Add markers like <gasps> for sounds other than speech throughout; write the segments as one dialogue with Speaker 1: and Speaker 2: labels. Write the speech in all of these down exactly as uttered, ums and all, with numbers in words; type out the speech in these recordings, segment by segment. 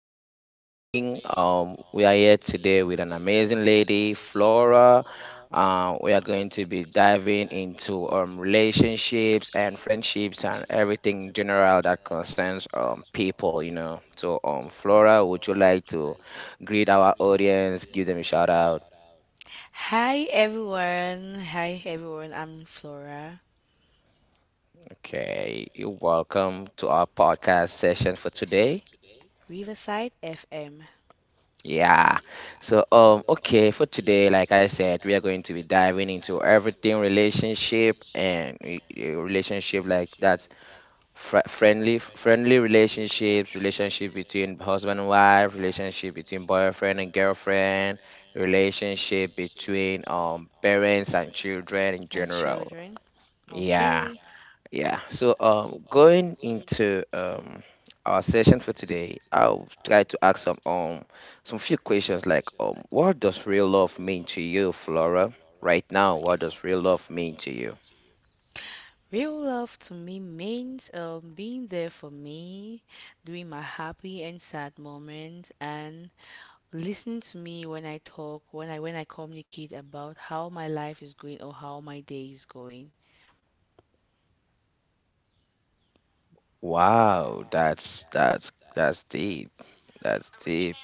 Speaker 1: Good morning. Um, we are here today with an amazing lady, Flora. Uh, we are going to be diving into um, relationships and friendships and everything in general that concerns um, people, you know. So, um, Flora, would you like to greet our audience, give them a shout out?
Speaker 2: Hi everyone. Hi everyone. I'm Flora,
Speaker 1: Okay, you're welcome to our podcast session for today.
Speaker 2: Riverside F M,
Speaker 1: Yeah. So, um, okay, for today, like I said, we are going to be diving into everything relationship and re- eh, relationship like that fr friendly friendly relationships, relationship between husband and wife, relationship between boyfriend and girlfriend, relationship between um parents and children in
Speaker 2: and
Speaker 1: general.
Speaker 2: children.
Speaker 1: Yeah.
Speaker 2: Okay.
Speaker 1: Yeah, so um, going into um, our session for today, I'll try to ask some um some few questions like um, what does real love mean to you, Flora? Right now, what does real love mean to you?
Speaker 2: Real love to me means um, being there for me during my happy and sad moments and listening to me when I talk, when I when I communicate about how my life is going or how my day is going.
Speaker 1: Wow, that's that's that's deep. That's deep.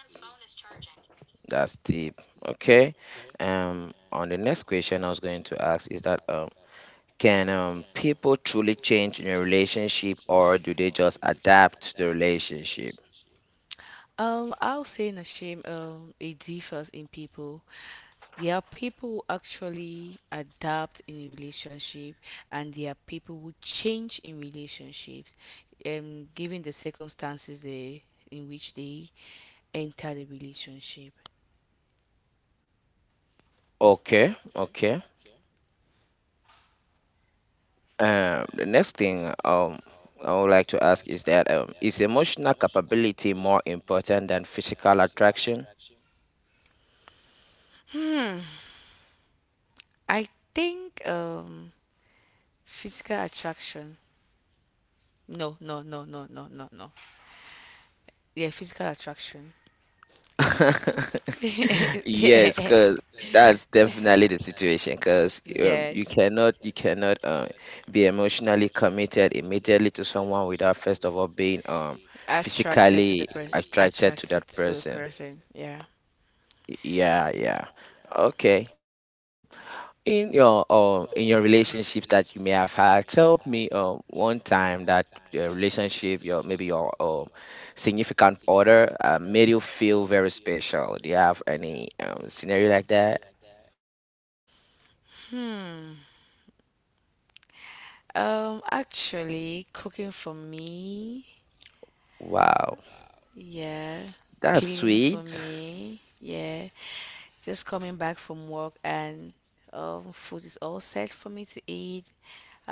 Speaker 1: That's deep. Okay. Um, on the next question I was going to ask is that um, can um people truly change in a relationship or do they just adapt to the relationship?
Speaker 2: Um, I'll say Nashim, um, it differs in people. There are people who actually adapt in a relationship, and there are people who change in relationships, um, given the circumstances they in which they enter the relationship.
Speaker 1: Okay, okay. Um, the next thing um I would like to ask is that um, is emotional capability more important than physical attraction?
Speaker 2: I think um, physical attraction. No, no, no, no, no, no, no. Yeah, physical attraction.
Speaker 1: <laughs> Yes,
Speaker 2: <laughs>
Speaker 1: because that's definitely the situation. Because um, you
Speaker 2: Yes.
Speaker 1: cannot you cannot uh, be emotionally committed immediately to someone without first of all being um
Speaker 2: Attracted to the
Speaker 1: physically
Speaker 2: person.
Speaker 1: attracted to
Speaker 2: Attracted
Speaker 1: that
Speaker 2: to the
Speaker 1: person.
Speaker 2: person. Yeah.
Speaker 1: Yeah, yeah. Okay. So um, in your um in your relationships that you may have had, tell me um one time that your relationship, your maybe your um significant other uh, made you feel very special. Do you have any um scenario like that?
Speaker 2: Um, actually, cooking for me.
Speaker 1: Wow,
Speaker 2: Yeah.
Speaker 1: that's
Speaker 2: Cleaning for
Speaker 1: sweet.
Speaker 2: me. Yeah. Just coming back from work and um, food is all set for me to eat.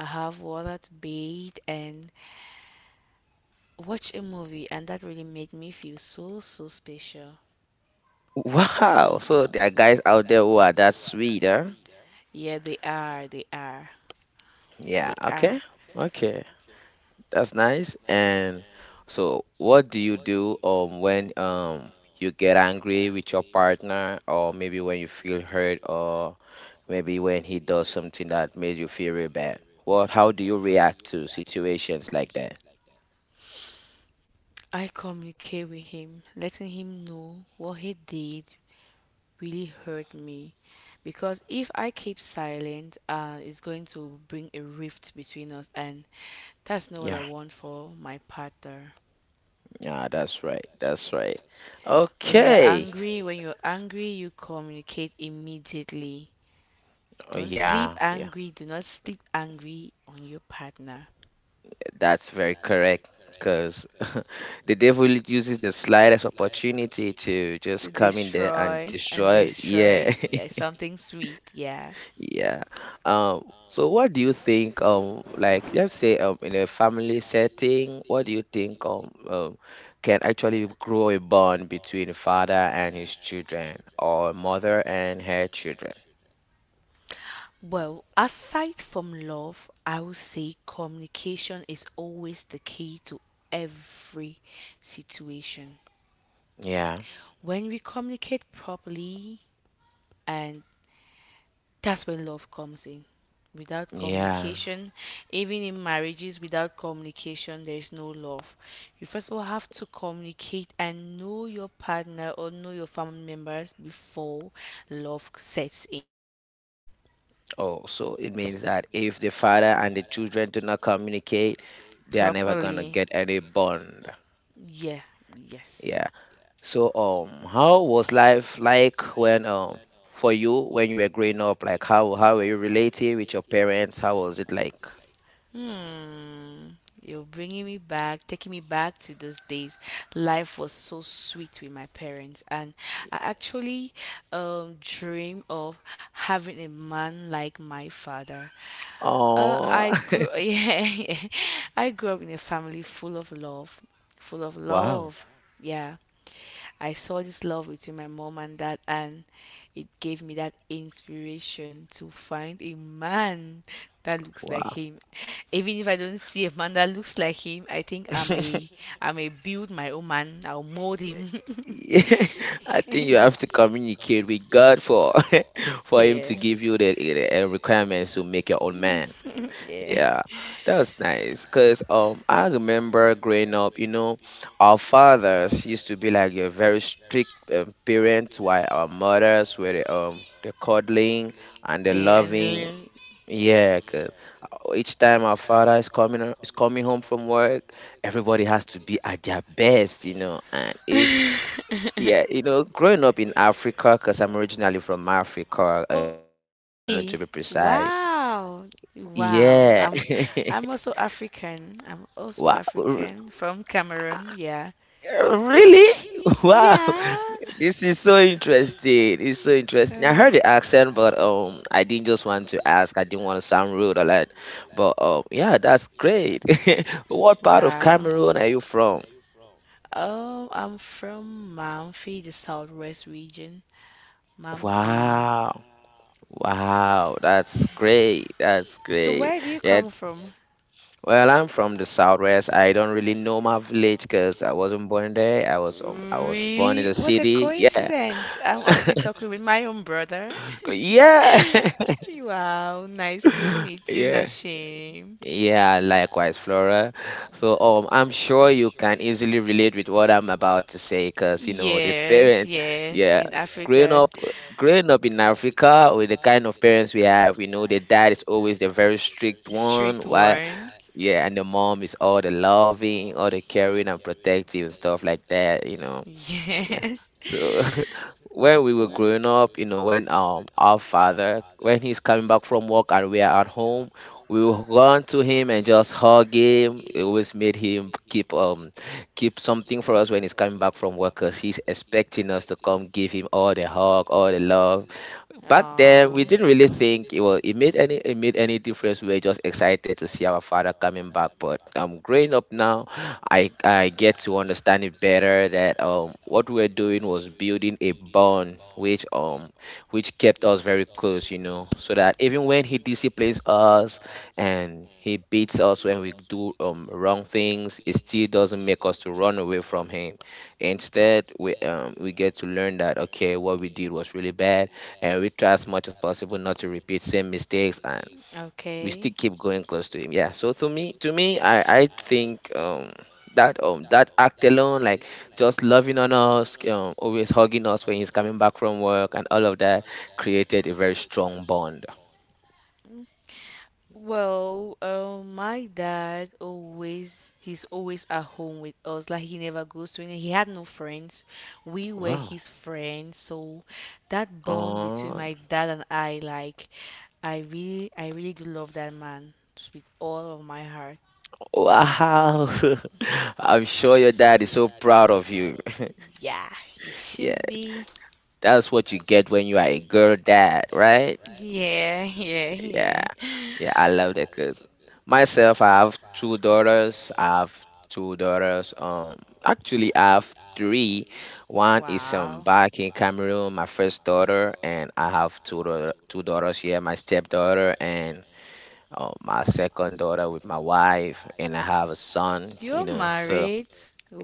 Speaker 2: I have water to bathe and watch a movie, and that really made me feel so, so special.
Speaker 1: <laughs> Wow, so there are guys out there who are that sweet, huh?
Speaker 2: Yeah, they are. They are.
Speaker 1: Yeah,
Speaker 2: They
Speaker 1: okay.
Speaker 2: are.
Speaker 1: Okay. That's nice. And so, what do you do um when um you get angry with your partner, or maybe when you feel hurt, or maybe when he does something that made you feel really bad? What, how do you react to situations like that?
Speaker 2: I communicate with him, letting him know what he did, really hurt me because if I keep silent, uh, it's going to bring a rift between us, and that's not what
Speaker 1: Yeah,
Speaker 2: I want for my partner.
Speaker 1: yeah, that's right. That's right.
Speaker 2: When we are
Speaker 1: Okay.
Speaker 2: angry, when you're angry, you communicate immediately.
Speaker 1: Oh,
Speaker 2: Don't sleep
Speaker 1: yeah, yeah.
Speaker 2: angry, do not sleep angry on your partner.
Speaker 1: That's very correct. Because <laughs> the devil uses the slightest opportunity to just come in there and
Speaker 2: Destroy and
Speaker 1: destroy. Yeah.
Speaker 2: destroy like something sweet, yeah.
Speaker 1: Yeah. Um, so what do you think, um, like let's say um in a family setting, what do you think um, um can actually grow a bond between a father and his children or a mother and her children?
Speaker 2: Well, aside from love, I would say communication is always the key to every situation.
Speaker 1: Yeah.
Speaker 2: When we communicate properly, and that's when love comes in. Without
Speaker 1: Yeah.
Speaker 2: communication, even in marriages, without communication, there is no love. You first of all have to communicate and know your partner or know your family members before love sets in
Speaker 1: Oh, so it means that if the father and the children do not communicate, they are never gonna
Speaker 2: properly.
Speaker 1: get any bond.
Speaker 2: Yeah, yes.
Speaker 1: Yeah. So, um, how was life like when, um, for you when you were growing up? Like, how how were you relating with your parents? How was it like?
Speaker 2: You're bringing me back, taking me back to those days. Life was so sweet with my parents, and I actually um, dream of having a man like my father. Uh,
Speaker 1: Oh,
Speaker 2: I grew, <laughs> yeah, I grew up in a family full of love, full of
Speaker 1: <laughs> wow,
Speaker 2: love. Yeah. I saw this love between my mom and dad, and it gave me that inspiration to find a man that looks like
Speaker 1: wow.
Speaker 2: him. Even if I don't see a man that looks like him, I think I may
Speaker 1: <laughs>
Speaker 2: I may build my own man. I'll mold him. <laughs>
Speaker 1: Yeah, <laughs> I think you have to communicate with God for <laughs> for Him to
Speaker 2: Yeah,
Speaker 1: give you the, the uh, requirements to make your own man.
Speaker 2: yeah,
Speaker 1: Yeah, that was nice. Cause um, I remember growing up, you know, our fathers used to be like a very strict um, parent, while our mothers were the, um the cuddling and the
Speaker 2: yeah. And
Speaker 1: loving.
Speaker 2: then,
Speaker 1: Yeah, 'cause uh, each time our father is coming ho- is coming home from work, everybody has to be at their best, you know. And if yeah, you know, growing up in Africa, cause I'm originally from Africa, uh,
Speaker 2: oh,
Speaker 1: in Cameroon
Speaker 2: really?
Speaker 1: to be precise.
Speaker 2: Wow, wow.
Speaker 1: Yeah.
Speaker 2: I'm I'm
Speaker 1: <laughs>
Speaker 2: also African. I'm also
Speaker 1: Wow.
Speaker 2: African from Cameroon. Yeah,
Speaker 1: Uh, Really? <laughs> Wow.
Speaker 2: yeah.
Speaker 1: This is so interesting. It's so interesting. I heard the accent, but um I didn't just want to ask. I didn't want to sound rude or like, but um yeah, that's great. <laughs> What part of
Speaker 2: Wow.
Speaker 1: Cameroon are you from?
Speaker 2: Oh, I'm from Manfi, the southwest region. Manfi.
Speaker 1: Wow. Wow, that's great. That's
Speaker 2: So
Speaker 1: great.
Speaker 2: where do you
Speaker 1: Yeah,
Speaker 2: come from?
Speaker 1: well, I'm from the southwest. I don't really know my village because I wasn't born there. I was um, I was born in
Speaker 2: Really?
Speaker 1: the
Speaker 2: What a
Speaker 1: city. Yeah. <laughs>
Speaker 2: coincidence. I'm actually talking with my own brother. <laughs>
Speaker 1: Yeah. <laughs>
Speaker 2: Wow, nice to meet you,
Speaker 1: Yeah.
Speaker 2: Nashim.
Speaker 1: Yeah, likewise, Flora. So, um, I'm sure you can easily relate with what I'm about to say, because you know the
Speaker 2: Yes,
Speaker 1: parents,
Speaker 2: yes,
Speaker 1: yeah,
Speaker 2: in
Speaker 1: growing
Speaker 2: Africa,
Speaker 1: up, growing up in Africa with the kind of parents we have, you know, the dad is always the very strict one,
Speaker 2: strict
Speaker 1: while
Speaker 2: one.
Speaker 1: yeah, and the mom is all the loving, all the caring and protective and stuff like that, you know.
Speaker 2: <laughs>
Speaker 1: Yeah.
Speaker 2: Yes.
Speaker 1: So <laughs> when we were
Speaker 2: Oh,
Speaker 1: growing up, you know, when um our father, when he's coming back from work and we are at home, we will run to him and just hug him. It always made him keep um keep something for us when he's coming back from work, 'cause he's expecting us to come give him all the hug, all the love. Back then, we didn't really think it will, it made any, it made any difference. We were just excited to see our father coming back. But um, growing up now, I I get to understand it better that um what we were doing was building a bond which um which kept us very close, you know, so that even when he disciplines us and he beats us when we do um wrong things, it still doesn't make us to run away from him. Instead, we um we get to learn that okay, what we did was really bad and we try as much as possible not to repeat same mistakes and we still
Speaker 2: okay.
Speaker 1: keep going close to him. Yeah, so to me to me i i think um that um that act alone, like just loving on us, um always hugging us when he's coming back from work and all of that, created a very strong bond.
Speaker 2: Well, um, my dad always he's always at home with us. Like he never goes to any. He had no friends. We were
Speaker 1: Wow.
Speaker 2: his friends. So that bond between
Speaker 1: Oh.
Speaker 2: my dad and I, like, I really, I really do love that man s- with all of my heart.
Speaker 1: Wow. <laughs> I'm sure your dad is so proud of you.
Speaker 2: Yeah, he
Speaker 1: <laughs> Yeah,
Speaker 2: should be.
Speaker 1: that's what you get when you are a girl dad, right?
Speaker 2: Yeah, yeah,
Speaker 1: Yeah,
Speaker 2: yeah.
Speaker 1: yeah, I love that because myself, I have two daughters. I have two daughters. Um, actually, I have three. One is um
Speaker 2: Wow,
Speaker 1: back in Cameroon, my first daughter, and I have two daughter, two daughters here, my stepdaughter and um, my second daughter with my wife, and I have a son. You
Speaker 2: you're
Speaker 1: know, so
Speaker 2: married.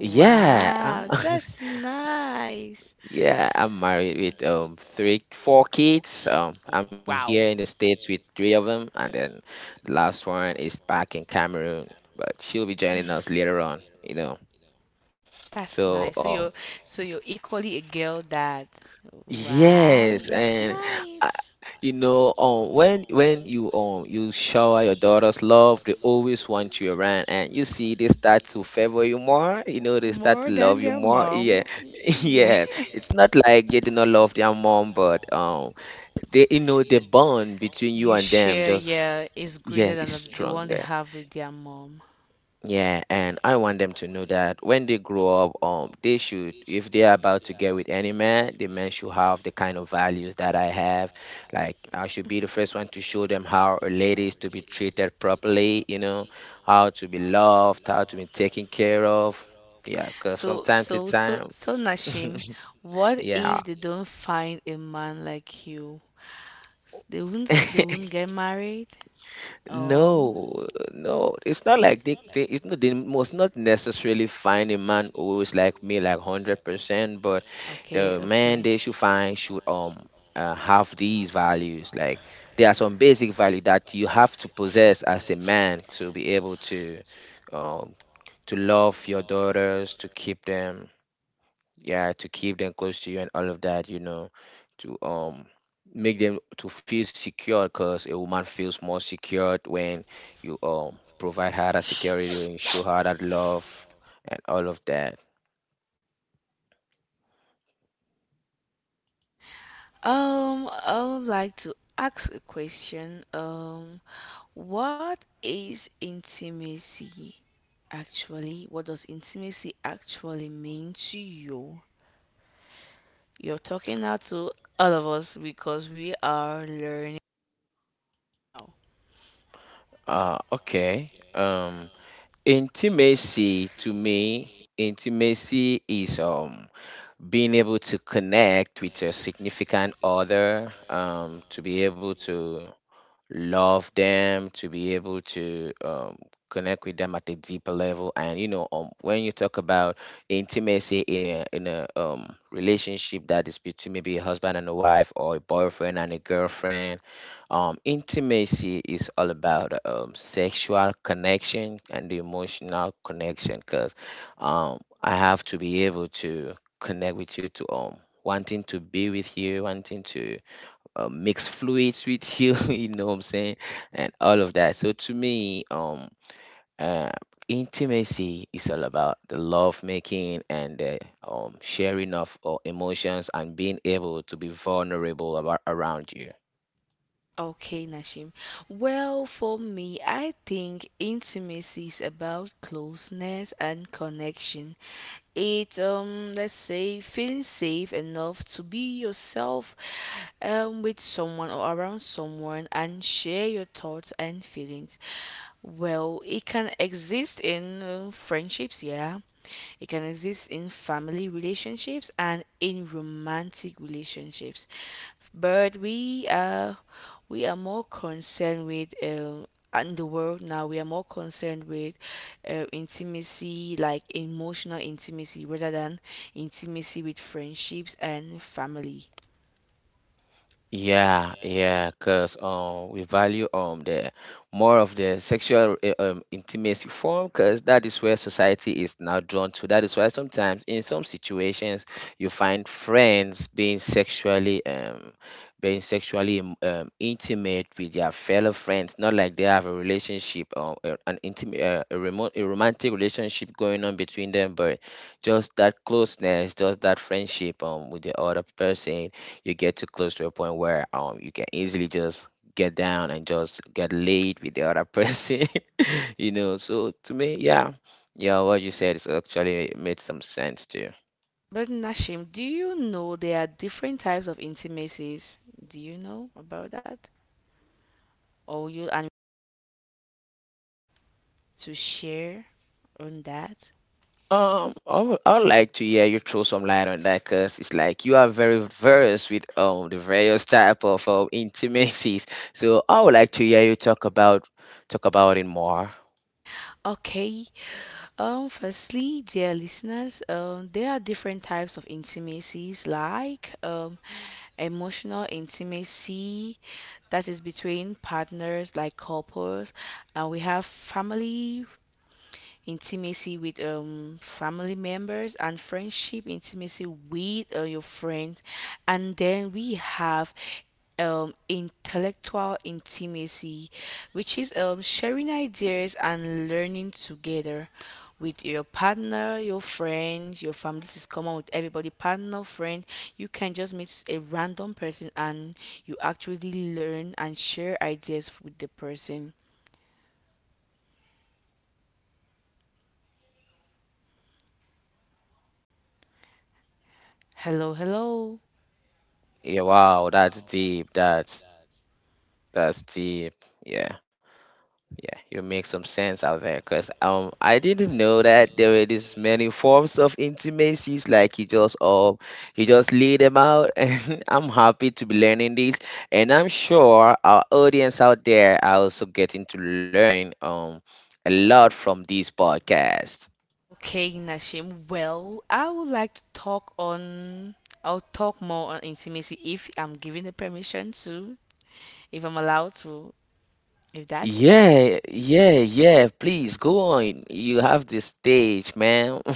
Speaker 1: yeah,
Speaker 2: that's nice.
Speaker 1: yeah, I'm married with um three, four kids. Um, I'm here
Speaker 2: Wow.
Speaker 1: in the States with three of them, and then the last one is back in Cameroon, but she'll be joining us later on, you know.
Speaker 2: That's
Speaker 1: So,
Speaker 2: nice. So
Speaker 1: um,
Speaker 2: you're so you're equally a girl dad. Wow,
Speaker 1: yes,
Speaker 2: that's
Speaker 1: and I,
Speaker 2: nice.
Speaker 1: you know, um, when when you um you shower your daughters love, they always want you around, and you see they start to favor you more. You know, they start
Speaker 2: More
Speaker 1: to
Speaker 2: than
Speaker 1: love you
Speaker 2: their
Speaker 1: more. Yeah,
Speaker 2: mom.
Speaker 1: <laughs>
Speaker 2: Yeah.
Speaker 1: yeah.
Speaker 2: <laughs>
Speaker 1: It's not like they do not love their mom, but um they, you know, the bond between you
Speaker 2: You
Speaker 1: and them
Speaker 2: share,
Speaker 1: just,
Speaker 2: yeah, is
Speaker 1: yeah,
Speaker 2: greater than
Speaker 1: is
Speaker 2: the the one they
Speaker 1: stronger.
Speaker 2: have with their mom.
Speaker 1: Yeah, and I want them to know that when they grow up, um they should, if they are about to get with any man, the man should have the kind of values that I have, like I should be the first one to show them how a lady is to be treated properly, you know, how to be loved, how to be taken care of. Yeah, because from
Speaker 2: So
Speaker 1: time to
Speaker 2: so so
Speaker 1: time
Speaker 2: so Nashim,
Speaker 1: <laughs>
Speaker 2: what
Speaker 1: yeah
Speaker 2: if they don't find a man like you? S- They won't they
Speaker 1: <laughs>
Speaker 2: won't get married? Oh,
Speaker 1: no, no, it's not like they, they it's not they must not necessarily find a man who is like me like hundred percent, but
Speaker 2: okay,
Speaker 1: the man
Speaker 2: okay.
Speaker 1: they should find should um uh, have these values. Like there are some basic value that you have to possess as a man to be able to um to love your daughters, to keep them, yeah, to keep them close to you and all of that, you know, to um make them to feel secure, because a woman feels more secured when you um provide her that security, when you show her that love and all of that.
Speaker 2: Um, I would like to ask a question. Um, what is intimacy actually? What does intimacy actually mean to you? You're talking now to all of us because we are learning now.
Speaker 1: uh okay um intimacy to me, intimacy is um being able to connect with your significant other, um to be able to love them, to be able to um, connect with them at a deeper level. And you know, um, when you talk about intimacy in a in a um, relationship that is between maybe a husband and a wife or a boyfriend and a girlfriend, um, intimacy is all about um, sexual connection and the emotional connection. Because um, I have to be able to connect with you to um wanting to be with you, wanting to uh, mix fluids with you, <laughs> you know what I'm saying, and all of that. So to me, um, uh, intimacy is all about the love making and the um, sharing of uh, emotions and being able to be vulnerable about, around you.
Speaker 2: Okay, Nashim. Well, for me, I think intimacy is about closeness and connection. It, um, let's say, feeling safe enough to be yourself, um, with someone or around someone and share your thoughts and feelings. Well, it can exist in uh, friendships, yeah, it can exist in family relationships and in romantic relationships, but we are we are more concerned with um, in the world now. We are more concerned with uh, intimacy, like emotional intimacy, rather than intimacy with friendships and family.
Speaker 1: Yeah, yeah, because um we value um the more of the sexual uh, um intimacy form because that is where society is now drawn to. That is why sometimes in some situations you find friends being sexually um being sexually um um, intimate with their fellow friends, not like they have a relationship or uh, an intimate uh, a remote a romantic relationship going on between them, but just that closeness, just that friendship um with the other person. You get too close to a point where um you can easily just get down and just get laid with the other person. <laughs> You know so to me, yeah, yeah, what you said is actually made some sense too.
Speaker 2: But Nashim, do you know there are different types of intimacies? Do you know about that? Or you and to share on that?
Speaker 1: um I would, I would like to hear you throw some light on that because it's like you are very versed with um the various type of um, intimacies, so I would like to hear you talk about talk about it more.
Speaker 2: Okay. Um, firstly, dear listeners, um, there are different types of intimacies like um, emotional intimacy that is between partners like couples, and we have family, intimacy with um family members and friendship intimacy with uh, your friends and then we have um intellectual intimacy which is um sharing ideas and learning together with your partner, your friend, your family. This is common with everybody. Partner, friend, you can just meet a random person and you actually learn and share ideas with the person. Hello, hello.
Speaker 1: Yeah, wow, that's deep, that's that's deep, yeah. Yeah, you make some sense out there because um I didn't know that there were this many forms of intimacies like you just um you just lay them out. <laughs> And I'm happy to be learning this, and I'm sure our audience out there are also getting to learn um a lot from this podcast.
Speaker 2: Okay, Nashim. Well, I would like to talk on. I'll talk more on intimacy if I'm given the permission to, if I'm allowed to, if that's
Speaker 1: Yeah, yeah, yeah, please go on. You have the stage, man. <laughs>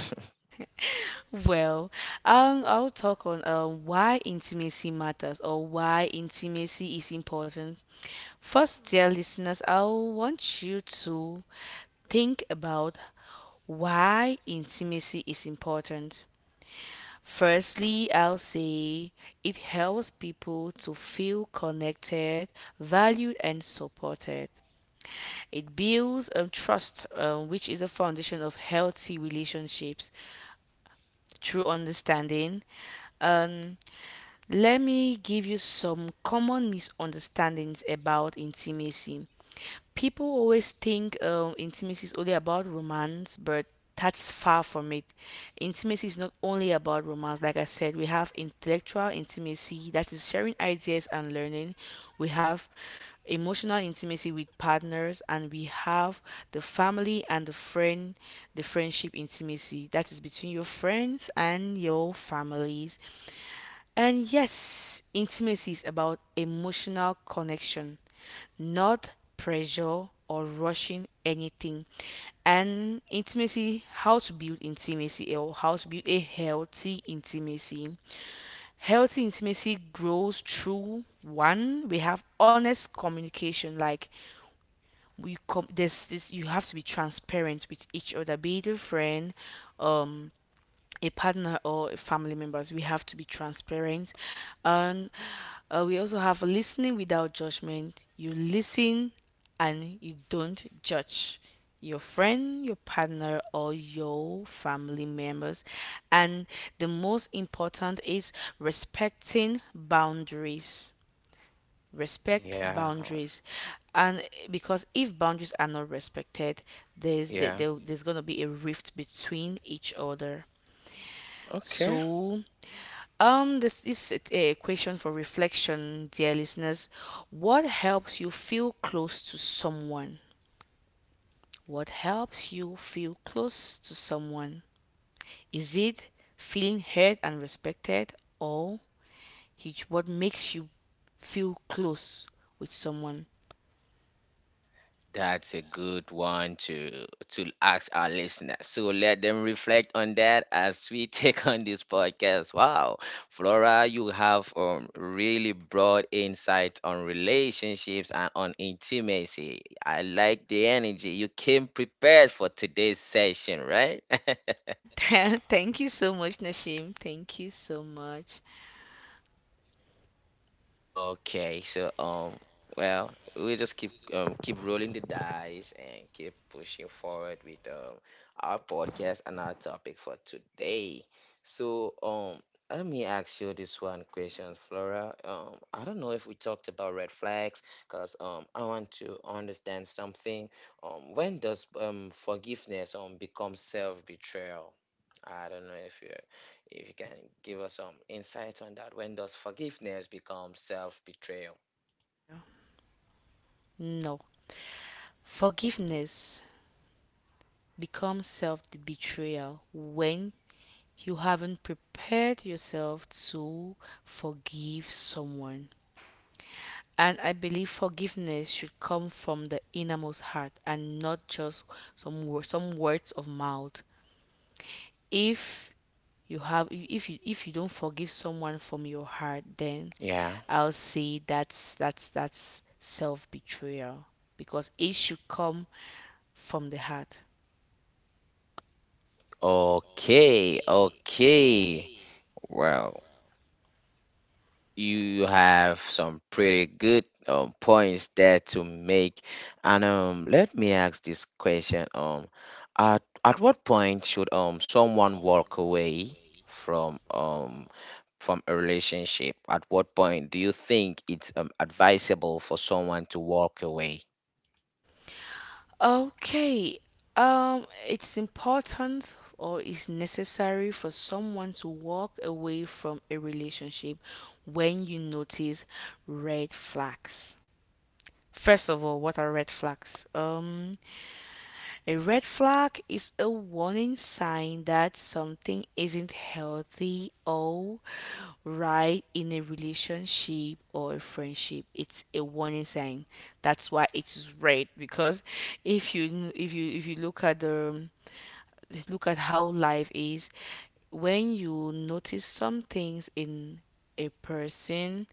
Speaker 2: well. Um, I'll talk on um why intimacy matters or why intimacy is important. First, dear listeners, I want you to think about why intimacy is important. Firstly, I'll say it helps people to feel connected, valued, and supported. It builds um, trust, um, which is a foundation of healthy relationships through understanding. Um, let me give you some common misunderstandings about intimacy. People always think um, intimacy is only about romance, but that's far from it. Intimacy is not only about romance. Like I said, we have intellectual intimacy, that is sharing ideas and learning. We have emotional intimacy with partners, and we have the family and the friend, the friendship intimacy, that is between your friends and your families and yes, intimacy is about emotional connection, not pressure or rushing anything. And intimacy, how to build intimacy or how to build a healthy intimacy. Healthy intimacy grows through one, we have honest communication. Like we com- there's this you have to be transparent with each other, be it a friend, um, a partner or a family members we have to be transparent and uh, we also have listening without judgment you listen and you don't judge your friend your partner or your family members and the most important is respecting boundaries respect
Speaker 1: Yeah,
Speaker 2: boundaries and because if boundaries are not respected there's there,
Speaker 1: yeah.
Speaker 2: there's going to be a rift between each other
Speaker 1: Okay.
Speaker 2: so, um, this is a question for reflection, dear listeners. What helps you feel close to someone? What helps you feel close to someone? Is it feeling heard and respected, or he- what makes you feel close with someone?
Speaker 1: That's a good one to to ask our listeners. So let them reflect on that as we <laughs> take on this podcast. Wow, Flora, you have um, really broad insight on relationships and on intimacy. I like the energy. You came prepared for today's session, right? <laughs>
Speaker 2: <laughs> Thank you so much, Nashim. Thank you so much.
Speaker 1: Okay, so um, well, we just keep um, keep rolling the dice and keep pushing forward with um, our podcast and our topic for today. So um, let me ask you this one question, Flora. Um, I don't know if we talked about red flags, cause um, I want to understand something. Um, when does um forgiveness um become self betrayal? I don't know if you if you can give us some insight on that, when does forgiveness become self betrayal?
Speaker 2: Yeah. No. Forgiveness becomes self betrayal when you haven't prepared yourself to forgive someone. And I believe forgiveness should come from the innermost heart and not just some wor- some words of mouth. If you have if you if you don't forgive someone from your heart, then
Speaker 1: Yeah.
Speaker 2: I'll say that's that's that's self betrayal because it should come from the heart.
Speaker 1: Okay, okay. Well, you have some pretty good um, points there to make. And um, let me ask this question. Um, at, at what point should um someone walk away from um from a relationship? At what point do you think it's um, advisable for someone to walk away?
Speaker 2: Okay. Um, it's important or it's necessary for someone to walk away from a relationship when you notice red flags. First of all, what are red flags? Um, a red flag is a warning sign that something isn't healthy or right in a relationship or a friendship. It's a warning sign. That's why it's red because if you if you if you look at the look at how life is when you notice some things in a person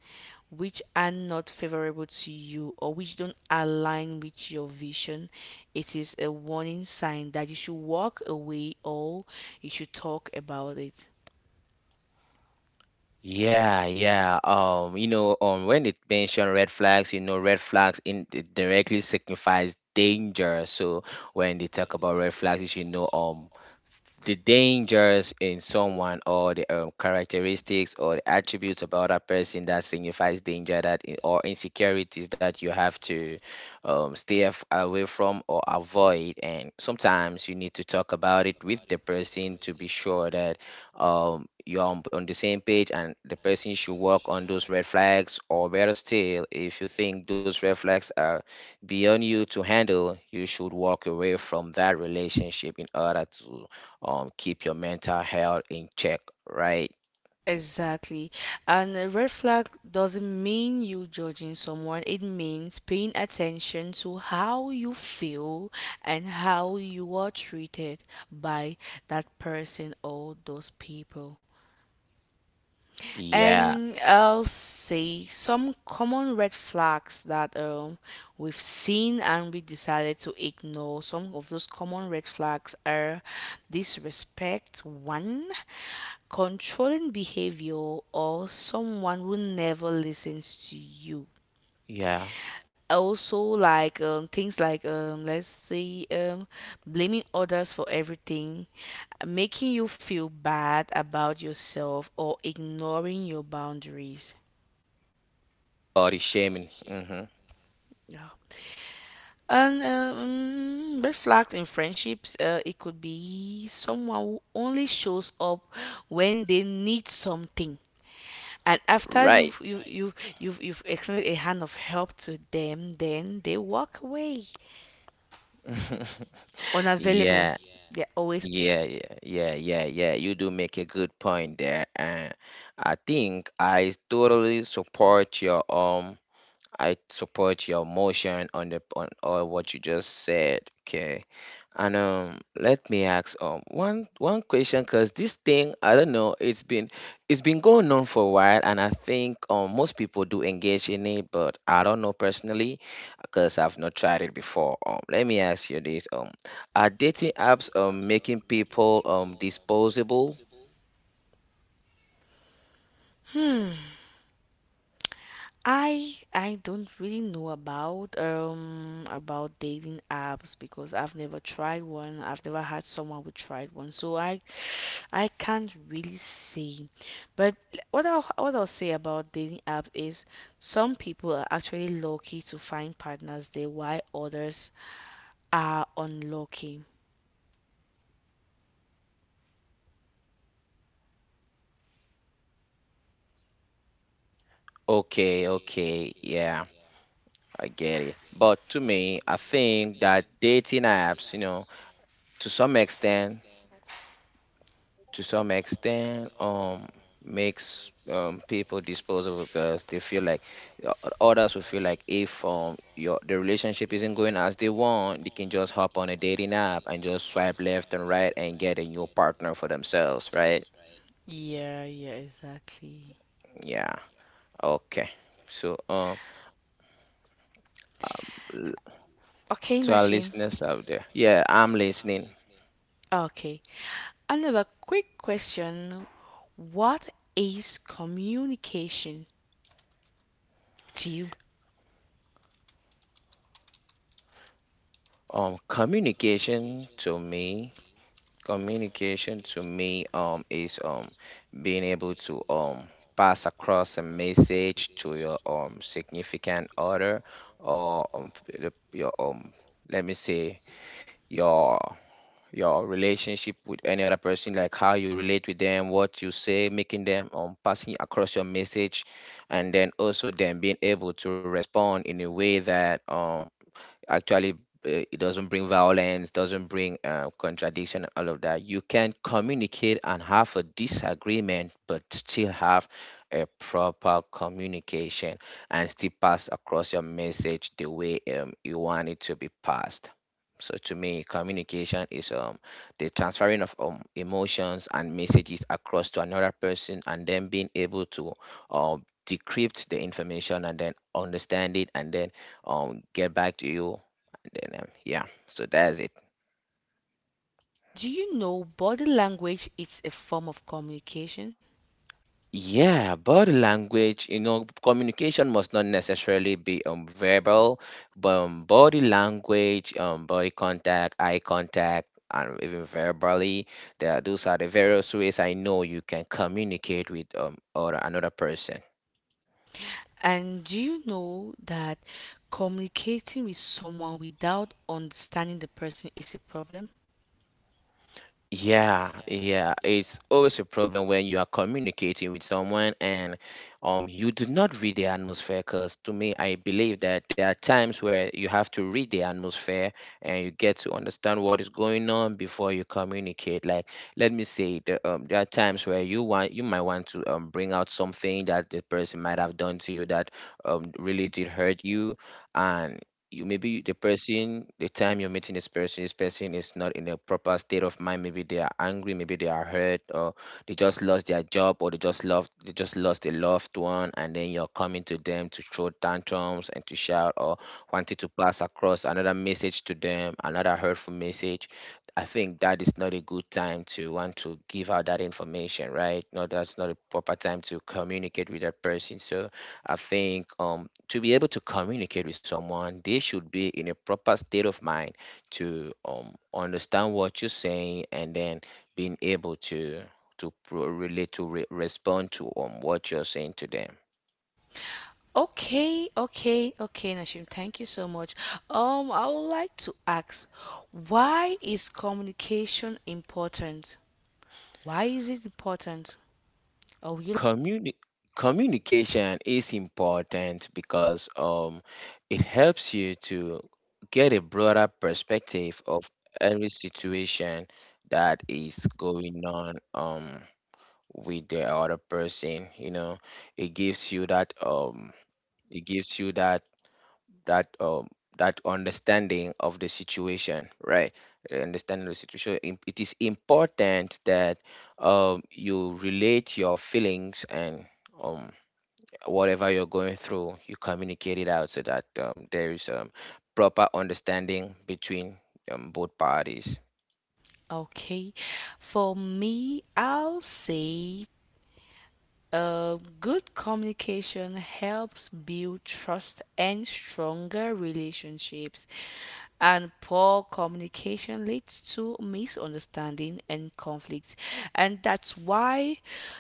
Speaker 2: which are not favorable to you or which don't align with your vision, it is a warning sign that you should walk away or you should talk about it.
Speaker 1: Yeah, yeah. Um, you know, um, when it mentioned red flags, you know, red flags in it directly signifies danger. So when they talk about red flags, you should know um the dangers in someone or the um, characteristics or the attributes about a person that signifies danger that i- or insecurities that you have to um, stay af- away from or avoid, and sometimes you need to talk about it with the person to be sure that um, you're on, on the same page and the person should work on those red flags, or better still if you think those red flags are beyond you to handle you should walk away from that relationship in order to um, keep your mental health in check, right.
Speaker 2: Exactly. And a red flag doesn't mean you judging someone. It means paying attention to how you feel and how you are treated by that person or those people.
Speaker 1: Yeah,
Speaker 2: And I'll say some common red flags that um, we've seen and we decided to ignore. Some of those common red flags are disrespect, one, controlling behavior, or someone who never listens to you
Speaker 1: yeah,
Speaker 2: also like um, things like um, let's say um, blaming others for everything making you feel bad about yourself or ignoring your boundaries.
Speaker 1: body shaming. Hmm.
Speaker 2: Yeah. And uh, mm, red flags in friendships, uh, it could be someone who only shows up when they need something. And after
Speaker 1: Right.
Speaker 2: you've you, you, you've you've extended a hand of help to them, then they walk away.
Speaker 1: <laughs> Yeah,
Speaker 2: Unavailable. They're always
Speaker 1: yeah, yeah, yeah, yeah, yeah, you do make a good point there, and i think i totally support your um I support your motion on the on or what you just said. Okay. And um let me ask um one one question because this thing I don't know it's been it's been going on for a while, and I think um most people do engage in it, but I don't know personally because I've not tried it before. Um let me ask you this, um are dating apps um making people um disposable?
Speaker 2: hmm. I I don't really know about um about dating apps because I've never tried one. I've never had someone who tried one, so I <sighs> I can't really say. But l- what I'll what I'll say about dating apps is some people are actually lucky to find partners there, while others are unlucky.
Speaker 1: Okay, okay, yeah. I get it. But to me, I think that dating apps, you know, to some extent, to some extent, um, makes um people disposable because they feel like uh, others will feel like if um your the relationship isn't going as they want, they can just hop on a dating app and just swipe left and right and get a new partner for themselves, right?
Speaker 2: Yeah, yeah, exactly.
Speaker 1: Yeah. Okay. So um l-
Speaker 2: Okay,
Speaker 1: to our
Speaker 2: Nashi.
Speaker 1: listeners out there, yeah, I'm listening.
Speaker 2: Okay. Another quick question. What is communication to you?
Speaker 1: Um, communication to me, communication to me um is um being able to um pass across a message to your um significant other, or um, the- your um let me say your your relationship with any other person, like how you relate with them, what you say, making them um passing across your message, and then also them being able to respond in a way that um actually uh, it doesn't bring violence, doesn't bring uh, contradiction and all of that. You can communicate and have a disagreement but still have a proper communication and still pass across your message the way um, you want it to be passed. So to me communication is um the transferring of um, emotions and messages across to another person, and then being able to um decrypt the information and then understand it and then um get back to you, and then um, yeah, so that's it.
Speaker 2: Do you know body language is a form of communication?
Speaker 1: Yeah, body language, you know, communication must not necessarily be um verbal, but um, body language, um body contact, eye contact, and even verbally, there are, those are the various ways I know you can communicate with um or another person.
Speaker 2: And do you know that communicating with someone without understanding the person is a problem?
Speaker 1: Yeah, yeah, it's always a problem when you are communicating with someone and um you do not read the atmosphere. Because to me, I believe that there are times where you have to read the atmosphere and you get to understand what is going on before you communicate. Like, let me say, the, um, there are times where you want you might want to um bring out something that the person might have done to you that um really did hurt you, and you, maybe the person, the time you're meeting this person, this person is not in a proper state of mind, maybe they are angry, maybe they are hurt, or they just lost their job, or they just lost they just lost a loved one, and then you're coming to them to throw tantrums and to shout, or wanting to pass across another message to them, another hurtful message. I think that is not a good time to want to give out that information, right? No, that's not a proper time to communicate with that person. So I think um, to be able to communicate with someone, they should be in a proper state of mind to um, understand what you're saying, and then being able to to pro- relate to re- respond to um, what you're saying to them.
Speaker 2: Okay, okay, okay, Nashim, thank you so much. Um, I would like to ask, why is communication important? Why is it important? Oh,
Speaker 1: Communi- communication is important because um, it helps you to get a broader perspective of every situation that is going on. Um, with the other person, you know, it gives you that um it gives you that that um that understanding of the situation, right. Uh, understanding of the situation, im- it is important that um you relate your feelings and um whatever you're going through you communicate it out so that um, there is um proper understanding between um, both parties.
Speaker 2: okay. For me, I'll say uh, good communication helps build trust and stronger relationships, and poor communication leads to misunderstanding and conflicts. And that's why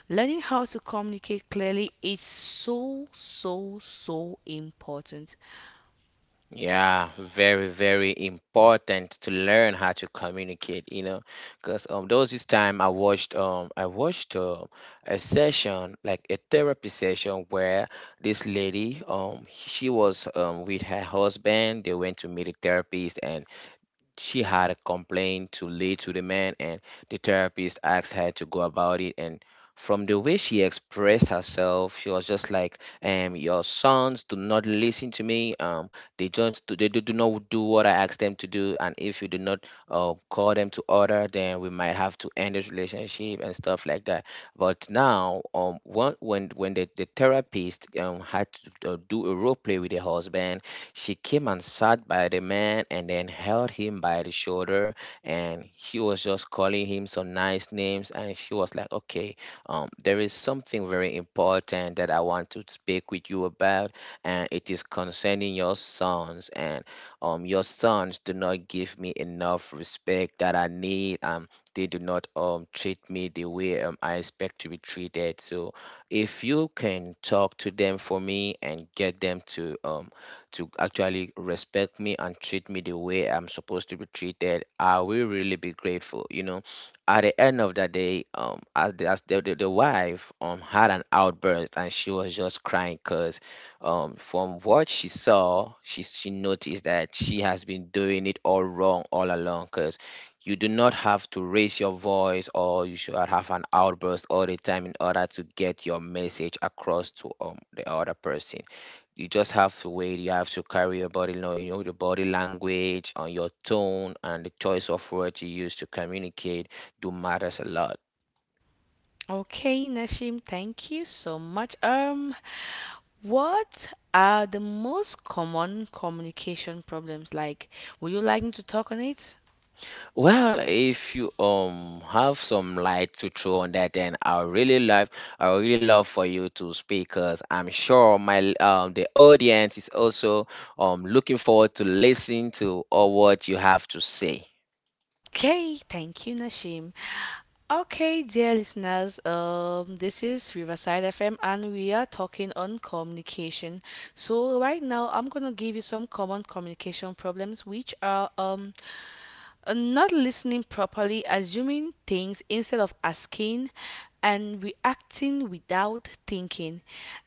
Speaker 2: learning how to communicate clearly is so, so, so important.
Speaker 1: Yeah, very, very important to learn how to communicate, you know, because um, those this time I watched um I watched um a session like a therapy session where this lady um she was um with her husband, they went to meet a therapist, and she had a complaint to lead to the man, and the therapist asked her to go about it, and from the way she expressed herself she was just like, um your sons do not listen to me, um they just do, they do do not do what I ask them to do, and if you do not uh, call them to order then we might have to end this relationship and stuff like that. But now um when when, when the, the therapist um had to uh, do a role play with the husband, she came and sat by the man and then held him by the shoulder, and he was just calling him some nice names, and she was like, "Okay, um there is something very important that I want to speak with you about, and it is concerning your sons, and um your sons do not give me enough respect that I need. um they do not um treat me the way um, I expect to be treated. So if you can talk to them for me and get them to um to actually respect me and treat me the way I'm supposed to be treated, I will really be grateful. You know, at the end of the day, um, as the, as the, the, the wife um had an outburst and she was just crying because um from what she saw, she she noticed that she has been doing it all wrong all along because you do not have to raise your voice or you should not have an outburst all the time in order to get your message across to um, the other person. You just have to wait. You have to carry your body, you know, you know, the body language and your tone and the choice of words you use to communicate do matters a lot.
Speaker 2: Okay, Nashim, thank you so much. Um, what are the most common communication problems like? Would you like me to talk on it?
Speaker 1: Well, if you um have some light to throw on that, then I would really love, I would really love for you to speak, cause I'm sure my um the audience is also um looking forward to listen to all what you have to say.
Speaker 2: Okay, thank you, Nashim. Okay, dear listeners, um, this is Riverside F M and we are talking on communication. So right now I'm gonna give you some common communication problems, which are um uh, not listening properly, assuming things instead of asking, and reacting without thinking.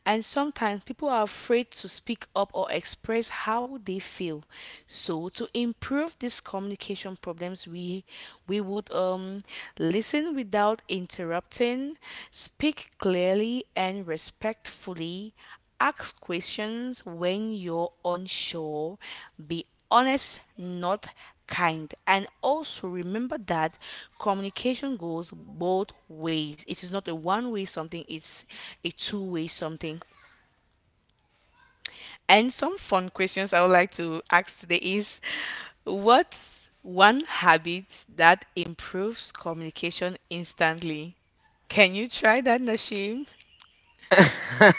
Speaker 2: And sometimes people are afraid to speak up or express how they feel. So to improve these communication problems, we we would um, listen without interrupting, speak clearly and respectfully. Ask questions when you're unsure. Be honest, not kind. And also remember that communication goes both ways. It is not a one way something, it's a two way something. And some fun questions I would like to ask today is, what's one habit that improves communication instantly? Can you try that, Nashim?
Speaker 1: <laughs>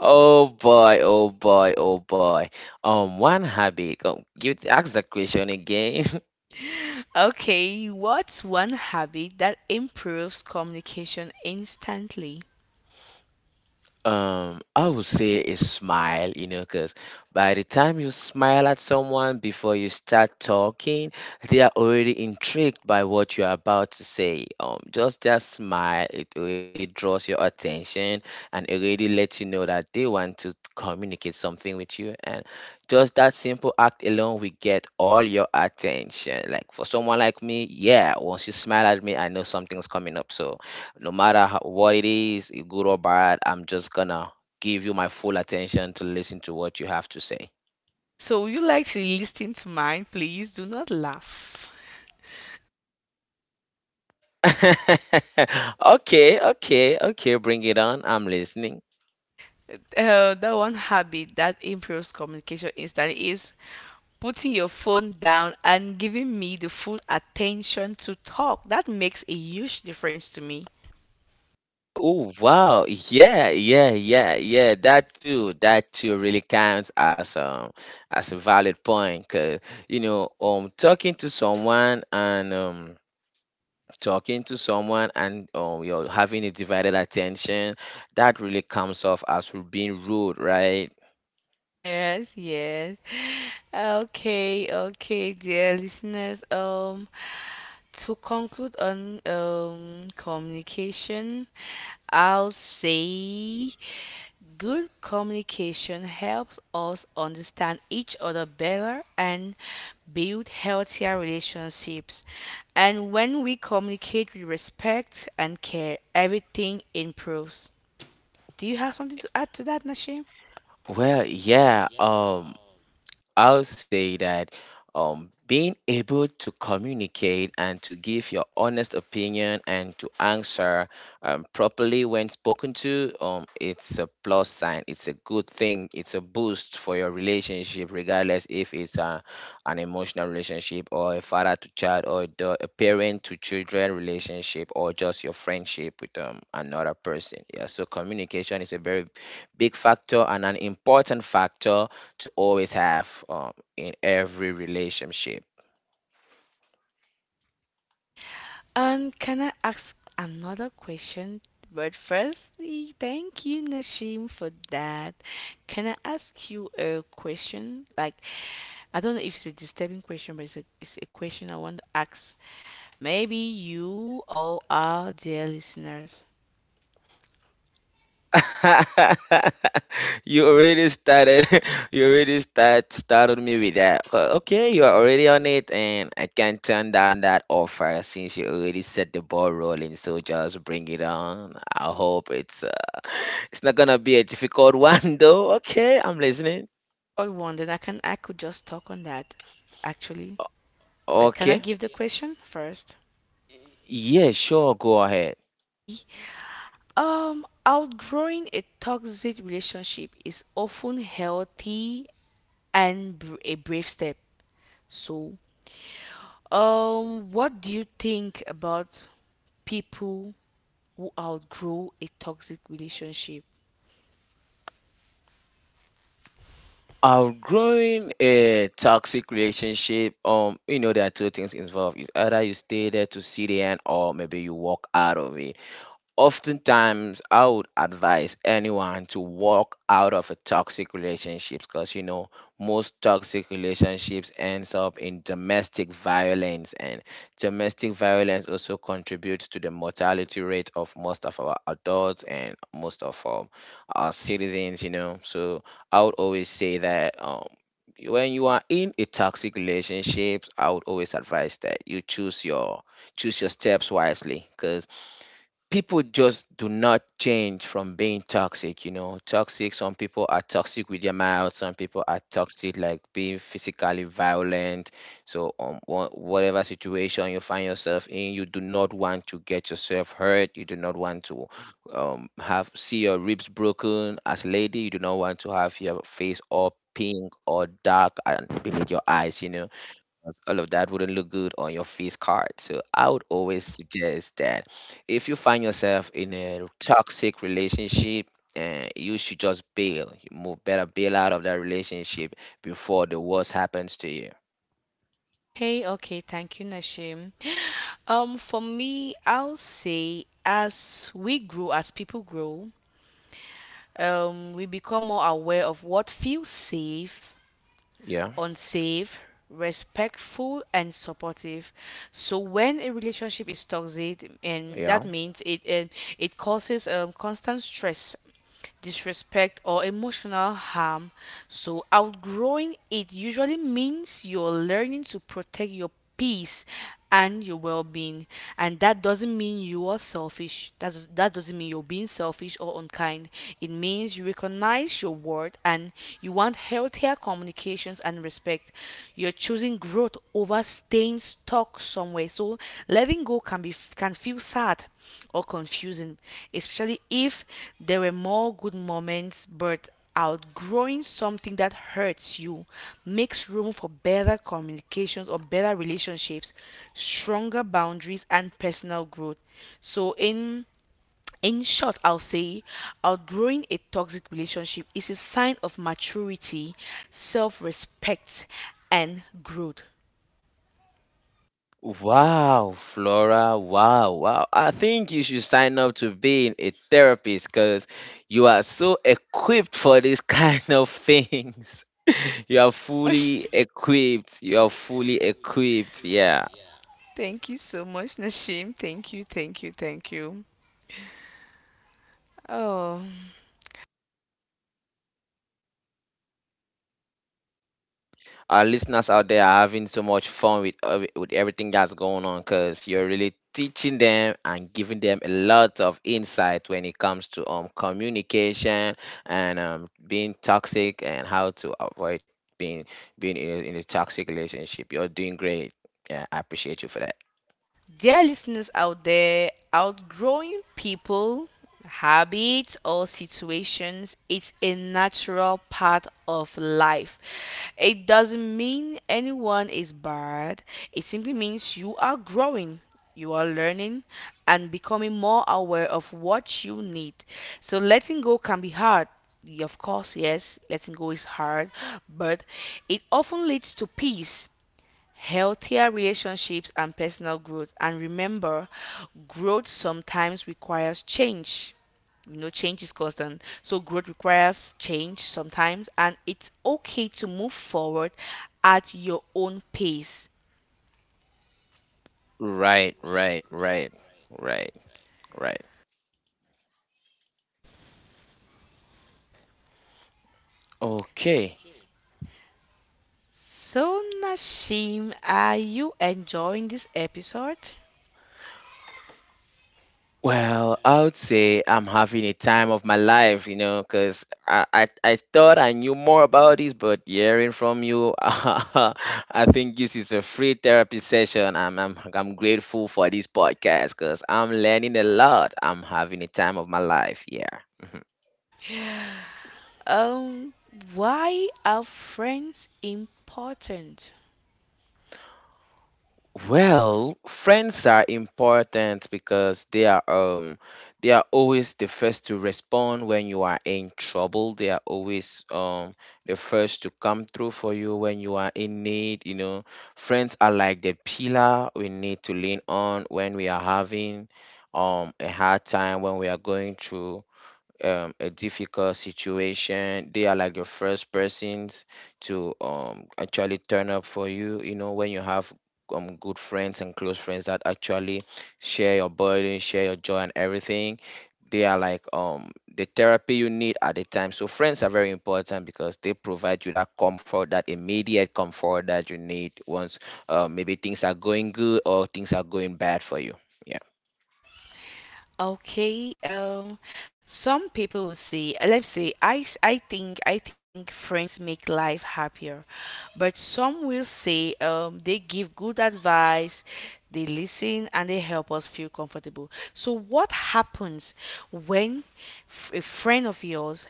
Speaker 1: Oh boy, oh boy, oh boy. Um, one habit. Go, give ask the question again. <laughs>
Speaker 2: Okay, what's one habit that improves communication instantly?
Speaker 1: Um, I would say is smile, you know, because by the time you smile at someone before you start talking, they are already intrigued by what you're about to say. Um, just just smile, it already draws your attention and already lets you know that they want to communicate something with you. And just that simple act alone will get all your attention. Like for someone like me, yeah, once you smile at me, I know something's coming up. So no matter how, what it is, eh, good or bad, I'm just gonna give you my full attention to listen to what you have to say.
Speaker 2: So, would you like to listen to mine? Please do not laugh.
Speaker 1: <laughs> Okay, okay, okay, bring it on. I'm listening.
Speaker 2: Uh, that one habit that improves communication instantly is putting your phone down and giving me the full attention to talk. That makes a huge difference to me.
Speaker 1: Oh, wow. Yeah, yeah, yeah, yeah. That too, that too really counts as um as a valid point, 'cause you know, um talking to someone and um talking to someone and um you're having a divided attention, that really comes off as being rude, right?
Speaker 2: Yes, yes. Okay, okay, dear listeners. Um, to conclude on um communication, I'll say good communication helps us understand each other better and build healthier relationships. And when we communicate with respect and care, everything improves. Do you have something to add to that, Nashim?
Speaker 1: Well, yeah. Um, I'll say that um, being able to communicate and to give your honest opinion and to answer um, properly when spoken to, um, it's a plus sign. It's a good thing. It's a boost for your relationship, regardless if it's a, an emotional relationship or a father to child or the, a parent to children relationship or just your friendship with um, another person. Yeah, so communication is a very big factor and an important factor to always have um, in every relationship.
Speaker 2: And can I ask another question? But firstly, thank you, Nashim, for that. Can I ask you a question? Like, I don't know if it's a disturbing question, but it's a, it's a question I want to ask. Maybe you or our dear listeners
Speaker 1: <laughs> You already started. <laughs> You already start started me with that. Uh, Okay, you are already on it, and I can't turn down that offer since you already set the ball rolling. So just bring it on. I hope it's uh, <laughs> it's not gonna be a difficult <laughs> one though. Okay, I'm listening.
Speaker 2: got one, then I can I could just talk on that, actually. But can I
Speaker 1: Okay,
Speaker 2: give the question first?
Speaker 1: yeah, sure, go ahead.
Speaker 2: Okay. Um, outgrowing a toxic relationship is often healthy and br- a brave step. So, um, what do you think about people who outgrow a toxic relationship?
Speaker 1: Outgrowing a toxic relationship, um you know, there are two things involved: is either you stay there to see the end or maybe you walk out of it. Oftentimes I would advise anyone to walk out of a toxic relationships, because you know most toxic relationships ends up in domestic violence, and domestic violence also contributes to the mortality rate of most of our adults and most of um, our citizens, you know. So I would always say that um when you are in a toxic relationship, I would always advise that you choose your choose your steps wisely, because people just do not change from being toxic, you know. Toxic, some people are toxic with their mouth, some people are toxic like being physically violent. So um, wha- whatever situation you find yourself in, you do not want to get yourself hurt, you do not want to um, have see your ribs broken as a lady, you do not want to have your face all pink or dark and beneath your eyes, you know, because all of that wouldn't look good on your face card. So I would always suggest that if you find yourself in a toxic relationship, and you should just bail. You move better bail out of that relationship before the worst happens to you.
Speaker 2: Okay, okay, thank you, Nashim. <gasps> <sighs> Um, for me, I'll say as we grow, as people grow, um, we become more aware of what feels safe,
Speaker 1: Yeah,
Speaker 2: unsafe, respectful, and supportive. So when a relationship is toxic, and that
Speaker 1: yeah.
Speaker 2: means it um, it causes um, constant stress, disrespect, or emotional harm. So outgrowing it usually means you're learning to protect your peace and your well-being, and that doesn't mean you are selfish. That's, that doesn't mean you're being selfish or unkind, it means you recognize your worth, and you want healthier communications and respect. You're choosing growth over staying stuck somewhere. So letting go can be, can feel sad or confusing, especially if there were more good moments, but outgrowing something that hurts you makes room for better communications or better relationships, stronger boundaries and personal growth. So in in short, I'll say outgrowing a toxic relationship is a sign of maturity, self-respect, and growth.
Speaker 1: Wow, Flora. Wow, wow. I think you should sign up to being a therapist, because you are so equipped for this <laughs> kind of things. <laughs> You are
Speaker 2: Much,
Speaker 1: fully equipped. You are fully equipped. Yeah.
Speaker 2: thank you so much, Nashim. Thank you, thank you, thank you. Oh.
Speaker 1: Our listeners out there are having so much fun with uh, with everything that's going on, because you're really teaching them and giving them a lot of insight when it comes to um communication and um being toxic and how to avoid being being in a, in a toxic relationship. You're doing great. Yeah, I appreciate you for that.
Speaker 2: Dear listeners out there, outgrowing people, habits, or situations is a natural part of life. It doesn't mean anyone is bad, it simply means you are growing. You are learning and becoming more aware of what you need. So, letting go can be hard. Y- Of course, yes, letting go is hard, but it often leads to peace, healthier relationships and personal growth. And remember, growth sometimes requires change. You know, change is constant. So, growth requires change sometimes, and it's okay to move forward at your own pace.
Speaker 1: Right, right, right, right, right. Okay.
Speaker 2: So, Nashim, are you enjoying this episode?
Speaker 1: Well, I would say I'm having a time of my life, you know, because I, I, I thought I knew more about this, but hearing from you, <laughs> I think this is a free therapy session. I'm, I'm, I'm grateful for this podcast because I'm learning a lot. I'm having a time of my life. Yeah.
Speaker 2: Um, why are friends important?
Speaker 1: Well, friends are important because they are um they are always the first to respond when you are in trouble. They are always um the first to come through for you when you are in need, you know. Friends are like the pillar we need to lean on when we are having um a hard time, when we are going through um, a difficult situation. They are like your first persons to um, actually turn up for you. You know, when you have um, good friends and close friends that actually share your burden, share your joy, and everything, they are like um, the therapy you need at the time. So friends are very important because they provide you that comfort, that immediate comfort that you need once uh, maybe things are going good or things are going bad for you. Yeah.
Speaker 2: Okay, um, some people will say, let's say, I, s- I think, I think friends make life happier, but some will say, um, they give good advice, they listen, and they help us feel comfortable. So, what happens when f- a friend of yours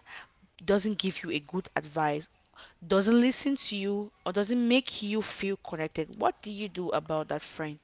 Speaker 2: doesn't give you a good advice, doesn't listen to you, or doesn't make you feel connected? What do you do about that friend?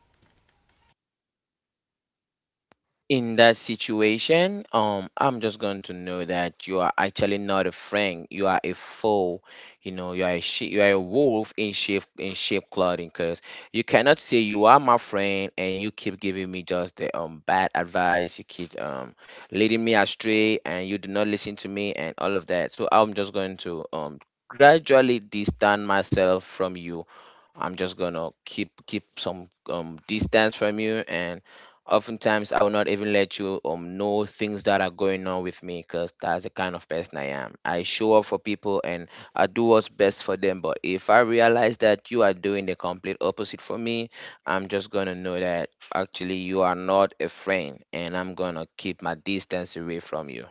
Speaker 1: In that situation, um, I'm just going to know that you are actually not a friend. You are a foe. You know, you are a she- you are a wolf in sheep in sheep clothing. Cause you cannot say you are my friend and you keep giving me just the um bad advice. You keep um leading me astray and you do not listen to me and all of that. So I'm just going to um gradually distance myself from you. I'm just gonna keep keep some um distance from you, and oftentimes I will not even let you um know things that are going on with me, because that's the kind of person I am. I show up for people and I do what's best for them. But if I realize that you are doing the complete opposite for me, I'm just gonna know that actually you are not a friend and I'm gonna keep my distance away from you.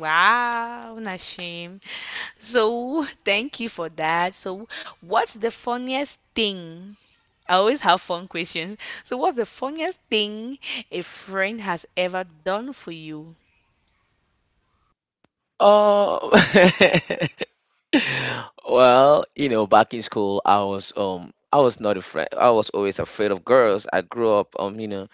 Speaker 2: Wow, Nashim. So, <laughs> thank you for that. So, what's the funniest thing? I always have fun questions. So, what's the funniest thing a friend has ever done for you?
Speaker 1: Oh, <laughs> well, you know, back in school, I was um, I was not afraid. I was always afraid of girls. I grew up um, you know,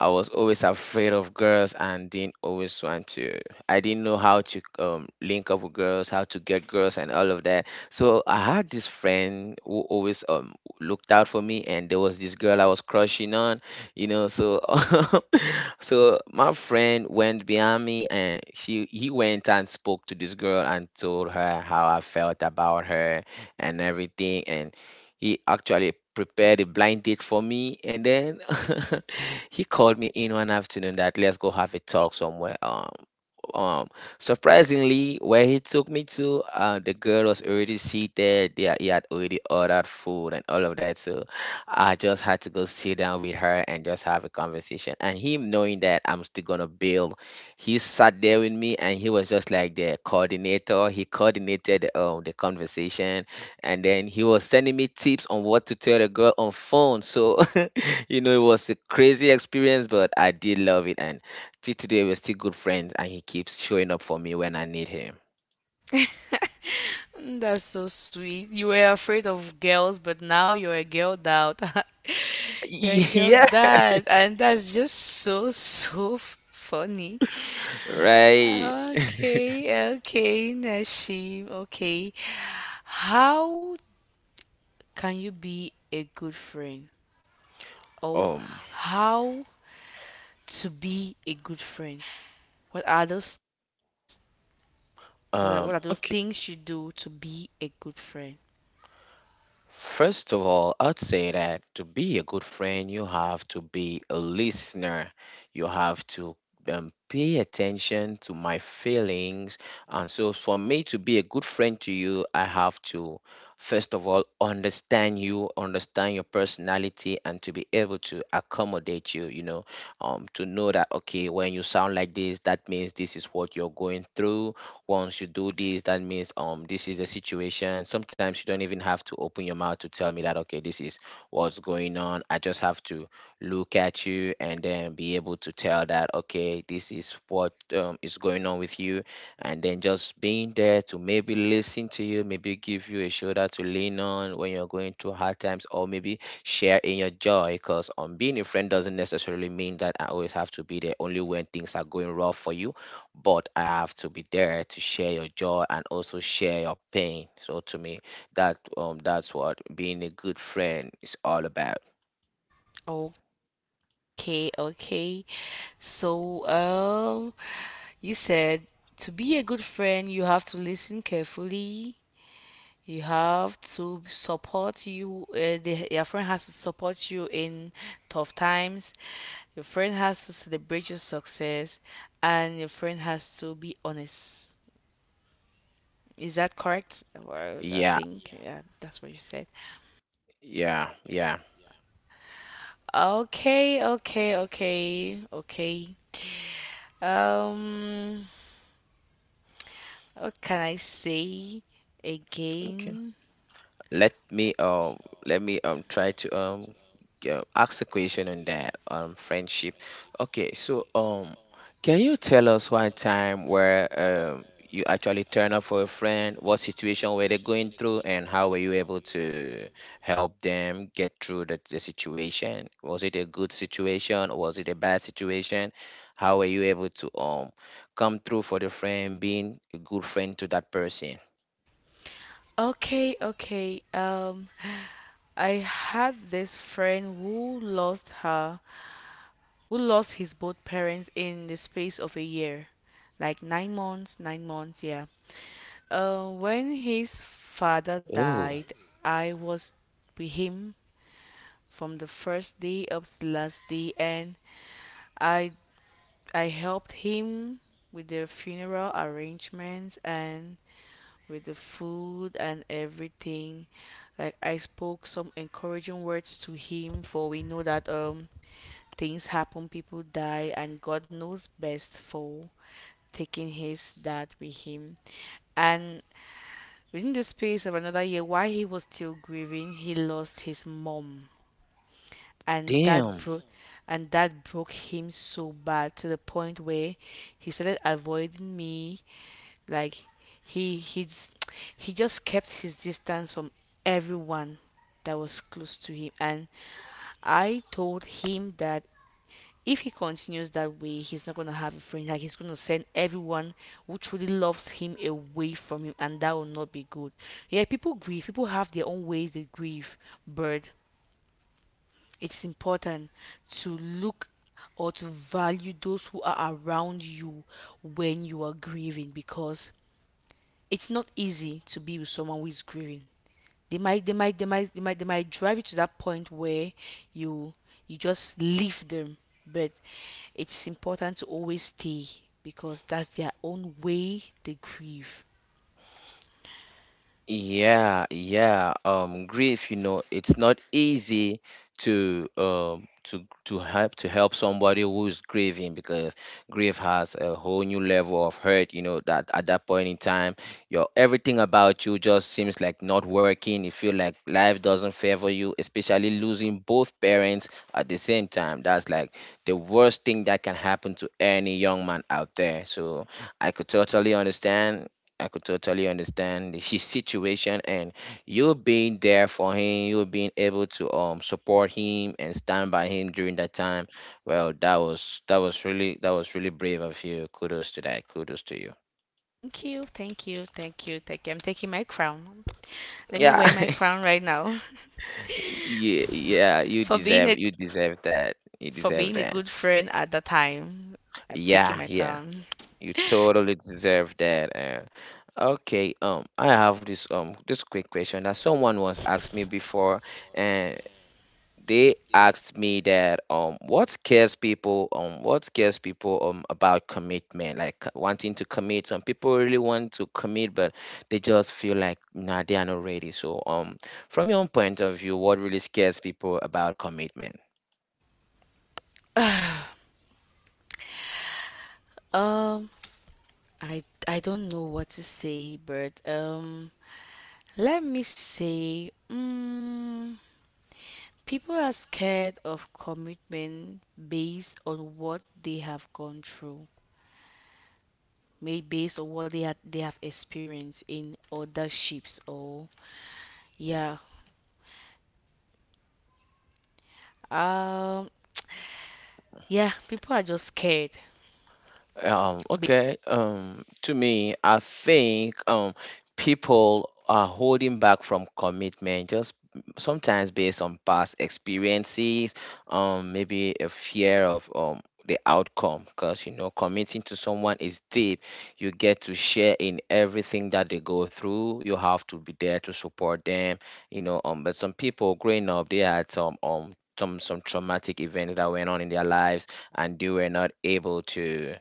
Speaker 1: I was always afraid of girls and didn't always want to. I didn't know how to um link up with girls, how to get girls, and all of that. So I had this friend who always um looked out for me, and there was this girl I was crushing on, you know. So <laughs> so my friend went behind me and she he went and spoke to this girl and told her how I felt about her and everything, and he actually prepared a blind date for me, and then <laughs> he called me in one afternoon that let's go have a talk somewhere um um surprisingly where he took me to, uh, the girl was already seated there, he had already ordered food and all of that. So I just had to go sit down with her and just have a conversation. And him knowing that I'm still gonna bail, he sat there with me and he was just like the coordinator. He coordinated um the conversation, and then he was sending me tips on what to tell the girl on phone. So <laughs> you know it was a crazy experience, but I did love it, and till today we're still good friends and he keeps showing up for me when I need him.
Speaker 2: <laughs> That's so sweet. You were afraid of girls, but now you're a girl dad. <laughs> You're a
Speaker 1: <laughs>
Speaker 2: girl
Speaker 1: Yeah. <laughs>
Speaker 2: dad, and that's just so, so f- funny.
Speaker 1: Right.
Speaker 2: Ah, okay, okay, Nashim. Okay. How can you be a good friend? Or
Speaker 1: Um
Speaker 2: how to be a good friend? What are those, what are,
Speaker 1: um
Speaker 2: what are those
Speaker 1: okay.
Speaker 2: things you do to be a good friend?
Speaker 1: First of all, I'd say that to be a good friend, you have to be a listener. You have to um, pay attention to my feelings. And so, for me to be a good friend to you, I have to, first of all, understand you, understand your personality, and to be able to accommodate you, you know, um, to know that, okay, when you sound like this, that means this is what you're going through. Once you do this, that means um this is the situation. Sometimes you don't even have to open your mouth to tell me that, okay, this is what's going on. I just have to look at you and then be able to tell that, okay, this is what, um, is going on with you. And then just being there to maybe listen to you, maybe give you a shoulder to lean on when you're going through hard times, or maybe share in your joy, because um being a friend doesn't necessarily mean that I always have to be there only when things are going rough for you, but I have to be there to share your joy and also share your pain. So to me, that um that's what being a good friend is all about.
Speaker 2: Okay, okay. So, um, you said to be a good friend, you have to listen carefully. You have to support you. Uh, the, your friend has to support you in tough times. Your friend has to celebrate your success, and your friend has to be honest. Is that correct? Well, I
Speaker 1: Yeah,
Speaker 2: think yeah, that's what you said.
Speaker 1: yeah, yeah.
Speaker 2: Okay, okay, okay, okay. Um, what can I say
Speaker 1: Okay.
Speaker 2: again?
Speaker 1: let me um let me um try to um g- uh, ask a question on that um friendship. Okay, so um can you tell us one time where um you actually turn up for a friend, what situation were they going through, and how were you able to help them get through the, the situation? Was it a good situation or was it a bad situation? How were you able to um come through for the friend, being a good friend to that person?
Speaker 2: Okay, okay. Um, I had this friend who lost her, who lost his both parents in the space of a year, like nine months, nine months, yeah. Uh, when his father
Speaker 1: Oh,
Speaker 2: died, I was with him from the first day up to the last day, and I I helped him with the funeral arrangements and with the food and everything. Like I spoke some encouraging words to him, for we know that um things happen, people die, and God knows best for taking his dad with him. And within the space of another year, while he was still grieving, he lost his mom, and that
Speaker 1: damn.
Speaker 2: broke and that broke him so bad to the point where he started avoiding me, like he he just, he just kept his distance from everyone that was close to him, and I told him that if he continues that way he's not going to have a friend, like he's going to send everyone who truly loves him away from him, and that will not be good. Yeah, people grieve, people have their own ways they grieve. Bird, it's important to look or to value those who are around you when you are grieving, because it's not easy to be with someone who is grieving. They might they might they might they might they might drive you to that point where you you just leave them. But it's important to always stay, because that's their own way they grieve.
Speaker 1: Yeah, yeah. Um, grief, you know, it's not easy to um to to help to help somebody who's grieving, because grief has a whole new level of hurt, you know, that at that point in time, your everything about you just seems like not working. You feel like life doesn't favor you, especially losing both parents at the same time. That's like the worst thing that can happen to any young man out there. So I could totally understand I could totally understand his <laughs> situation, and you being there for him, you being able to um support him and stand by him during that time. Well, that was that was really that was really brave of you. Kudos to that. Kudos to you.
Speaker 2: Thank you, thank you, thank you, thank you. I'm taking my crown. Let me
Speaker 1: Yeah.
Speaker 2: wear my crown right now. <laughs>
Speaker 1: <laughs> yeah, yeah, you
Speaker 2: For being a,
Speaker 1: deserve you deserve that. You
Speaker 2: for
Speaker 1: deserve
Speaker 2: being a
Speaker 1: that.
Speaker 2: good friend at the time. I'm taking
Speaker 1: Yeah,
Speaker 2: my
Speaker 1: yeah.
Speaker 2: crown.
Speaker 1: You totally deserve that. Uh, okay, um I have this um this quick question that someone once asked me before, and they asked me that um what scares people um what scares people um about commitment. Like, c- wanting to commit, some people really want to commit, but they just feel like nah, they are not ready. So um from your own point of view, what really scares people about commitment?
Speaker 2: Um, I I don't know what to say, but um, let me say, mm, people are scared of commitment based on what they have gone through, made based on what they had they have experienced in other ships, or yeah, um, yeah, people are just scared.
Speaker 1: Um, okay. Um, to me, I think um, people are holding back from commitment just sometimes based on past experiences, um, maybe a fear of um, the outcome. Because, you know, committing to someone is deep. You get to share in everything that they go through. You have to be there to support them, you know. Um, but some people growing up, they had some um some some traumatic events that went on in their lives, and they were not able to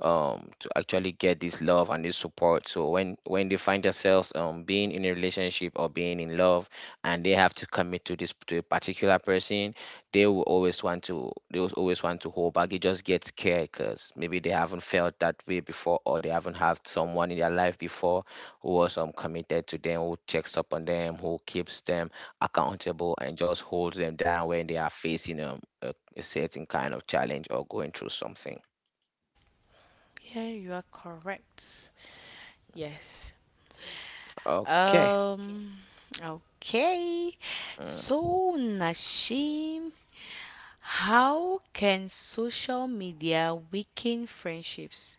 Speaker 1: um to actually get this love and this support. So when when they find themselves um being in a relationship or being in love, and they have to commit to this to a particular person, they will always want to they will always want to hold back. They just get scared, because maybe they haven't felt that way before, or they haven't had someone in their life before who was um committed to them, who checks up on them, who keeps them accountable, and just holds them down when they are facing um, a, a certain kind of challenge or going through something.
Speaker 2: Yeah, you are correct. Yes.
Speaker 1: Okay.
Speaker 2: Um, okay.
Speaker 1: Mm.
Speaker 2: So, Nashim, how can social media weaken friendships?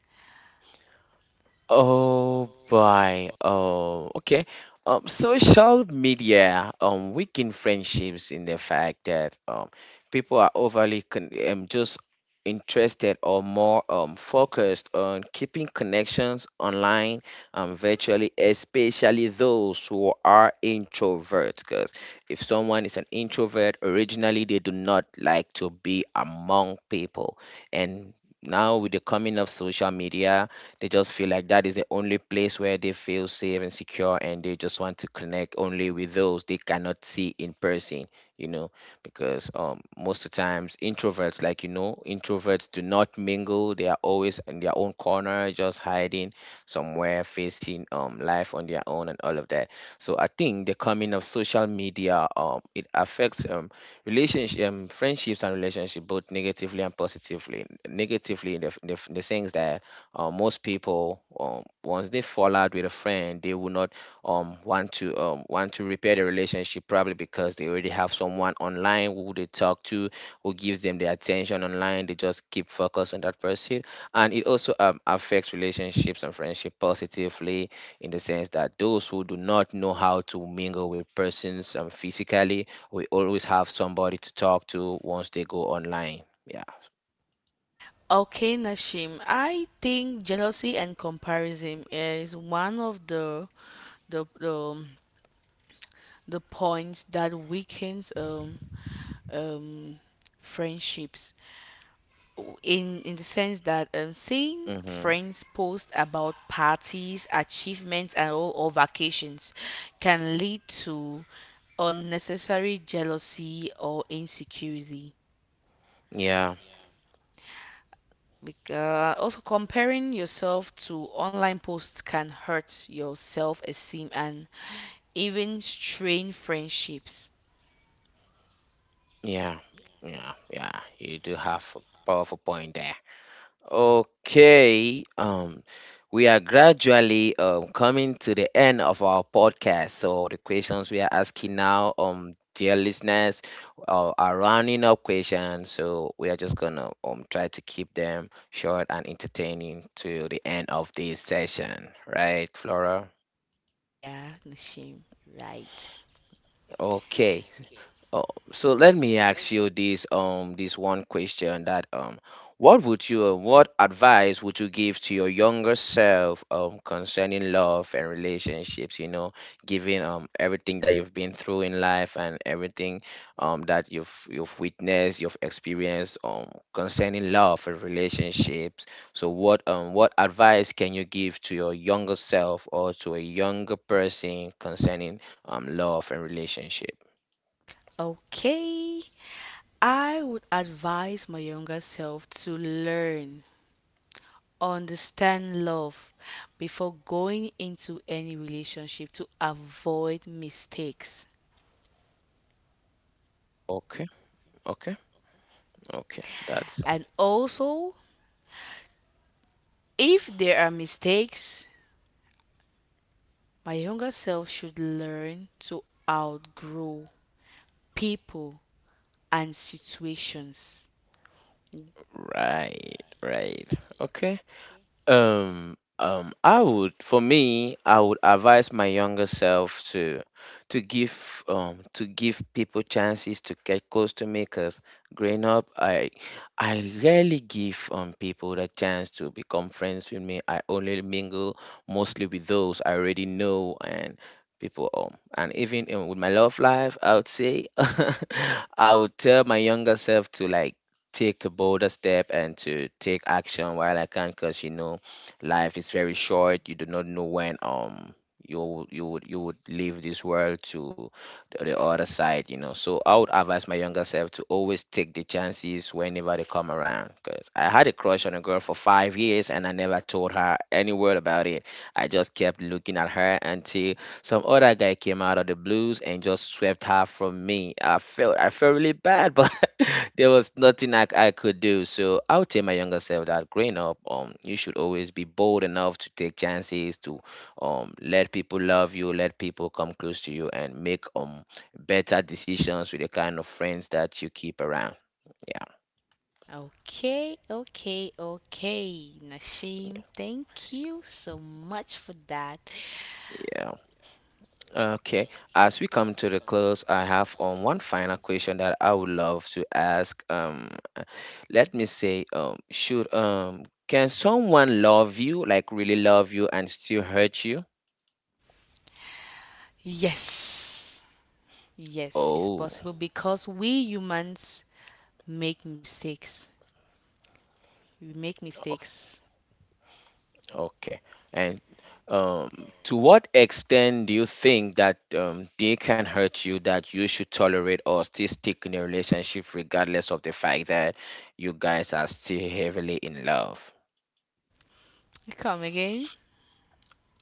Speaker 1: Oh boy. Oh, okay. Um, social media um weaken friendships in the fact that um people are overly con um, just interested or more um focused on keeping connections online, um virtually, especially those who are introverts. Because if someone is an introvert, originally they do not like to be among people, and now with the coming of social media, they just feel like that is the only place where they feel safe and secure, and they just want to connect only with those they cannot see in person, you know. Because um most of the times introverts, like, you know, introverts do not mingle. They are always in their own corner, just hiding somewhere, facing um life on their own, and all of that. So I think the coming of social media, um it affects um relationship um, friendships and relationship both negatively and positively. Negatively in the, f- in the, f- in the sense that uh, most people, um, once they fall out with a friend, they will not um, want to um, want to repair the relationship, probably because they already have someone online who they talk to, who gives them the attention online. They just keep focused on that person. And it also um, affects relationships and friendship positively, in the sense that those who do not know how to mingle with persons um, physically, we always have somebody to talk to once they go online. Yeah.
Speaker 2: Okay, Nashim, I think jealousy and comparison is one of the the the, um, the points that weakens um um friendships, in in the sense that um, seeing
Speaker 1: Mm-hmm.
Speaker 2: friends post about parties, achievements, and all, or vacations, can lead to unnecessary jealousy or insecurity.
Speaker 1: Yeah.
Speaker 2: Because also comparing yourself to online posts can hurt your self esteem and even strain friendships.
Speaker 1: Yeah. Yeah. Yeah. You do have a powerful point there. Okay. Um, we are gradually um coming to the end of our podcast. So the questions we are asking now, um, dear listeners, uh, are running up questions. So we are just gonna um try to keep them short and entertaining to the end of this session. Right, Flora?
Speaker 2: Yeah, Nashim, right.
Speaker 1: Okay. Oh, so let me ask you this um this one question that um what would you uh, what advice would you give to your younger self um concerning love and relationships, you know, given um everything that you've been through in life, and everything um that you've you've witnessed, you've experienced um concerning love and relationships. So what um what advice can you give to your younger self or to a younger person concerning um love and relationship?
Speaker 2: Okay. I would advise my younger self to learn, understand love before going into any relationship to avoid mistakes.
Speaker 1: Okay. Okay, okay, that's
Speaker 2: And also, if there are mistakes, my younger self should learn to outgrow people and situations.
Speaker 1: right, right. Okay. Um, um, I would, for me, I would advise my younger self to to give um to give people chances to get close to me. Cause growing up, I I rarely give um people the chance to become friends with me. I only mingle mostly with those I already know, and people, um and even, um, with my love life, I would say <laughs> I would tell my younger self to, like, take a bolder step and to take action while I can, cause you know, life is very short. You do not know when um you would you would you would leave this world to the the other side, you know. So I would advise my younger self to always take the chances whenever they come around, because I had a crush on a girl for five years and I never told her any word about it. I just kept looking at her until some other guy came out of the blues and just swept her from me. i felt I felt really bad, <laughs> but there was nothing I, I could do. So I would tell my younger self that growing up, um, you should always be bold enough to take chances, to um, let people love you, let people come close to you, and make um better decisions with the kind of friends that you keep around. Yeah,
Speaker 2: Okay, okay, okay. Nashim, thank you so much for that.
Speaker 1: yeah. Okay. As we come to the close, I have um one final question that I would love to ask. Um, uh, let me say, um, should um, can someone love you, like really love you, and still hurt you?
Speaker 2: Yes, yes, it's
Speaker 1: Oh.
Speaker 2: possible because we humans make mistakes. We make mistakes.
Speaker 1: Okay. And um, to what extent do you think that um, they can hurt you that you should tolerate or still stick in a relationship regardless of the fact that you guys are still heavily in love?
Speaker 2: Come again.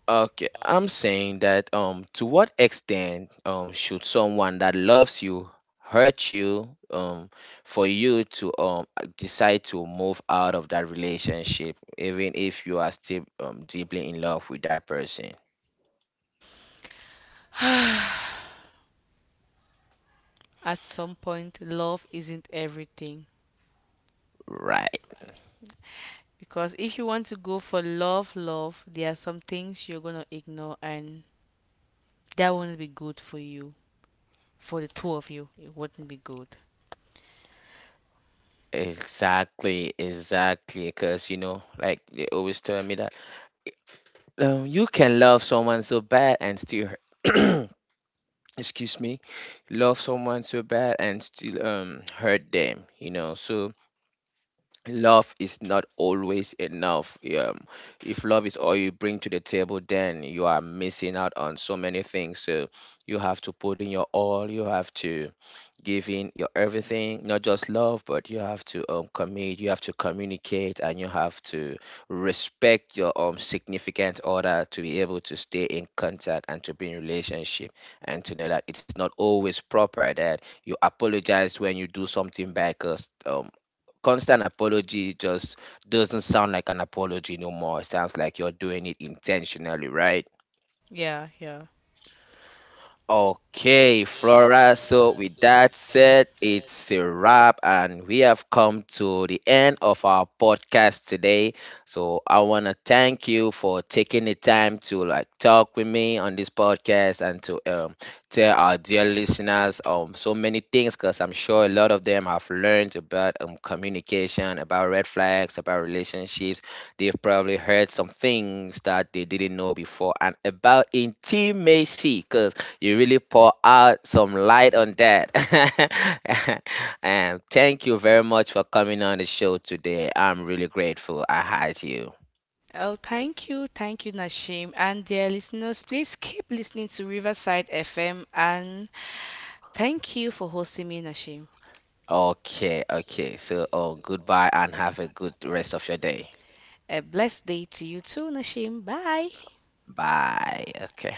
Speaker 1: Okay, I'm saying that, um, to what extent, um, should someone that loves you hurt you, um, for you to, um, decide to move out of that relationship, even if you are still, um, deeply in love with that person?
Speaker 2: At some point, love isn't everything.
Speaker 1: Right.
Speaker 2: Because if you want to go for love, love, there are some things you're going to ignore, and that won't be good for you. For the two of you, it wouldn't be good.
Speaker 1: Exactly, exactly. Because, you know, like they always tell me that um, you can love someone so bad and still hurt. <clears throat> Excuse me, love someone so bad and still um hurt them, you know. So love is not always enough. Um, if love is all you bring to the table, then you are missing out on so many things. So you have to put in your all. You have to give in your everything, not just love, but you have to um, commit. You have to communicate, and you have to respect your um significant other to be able to stay in contact and to be in relationship, and to know that it's not always proper that you apologize when you do something bad. Um, constant apology just doesn't sound like an apology no more. It sounds like you're doing it intentionally, right?
Speaker 2: Yeah, yeah.
Speaker 1: Okay, Flora. So, with that said, it's a wrap, and we have come to the end of our podcast today. So, I want to thank you for taking the time to, like, talk with me on this podcast, and to um, tell our dear listeners um so many things, because I'm sure a lot of them have learned about um communication, about red flags, about relationships. They've probably heard some things that they didn't know before, and about intimacy, because you really pour out some light on that. <laughs> And thank you very much for coming on the show today. I'm really grateful I had you.
Speaker 2: Oh, thank you. Thank you, Nashim. And dear listeners, please keep listening to Riverside F M. And thank you for hosting me, Nashim.
Speaker 1: Okay, okay. So, oh, goodbye and have a good rest of your day.
Speaker 2: A blessed day to you too, Nashim. Bye.
Speaker 1: Bye. Okay.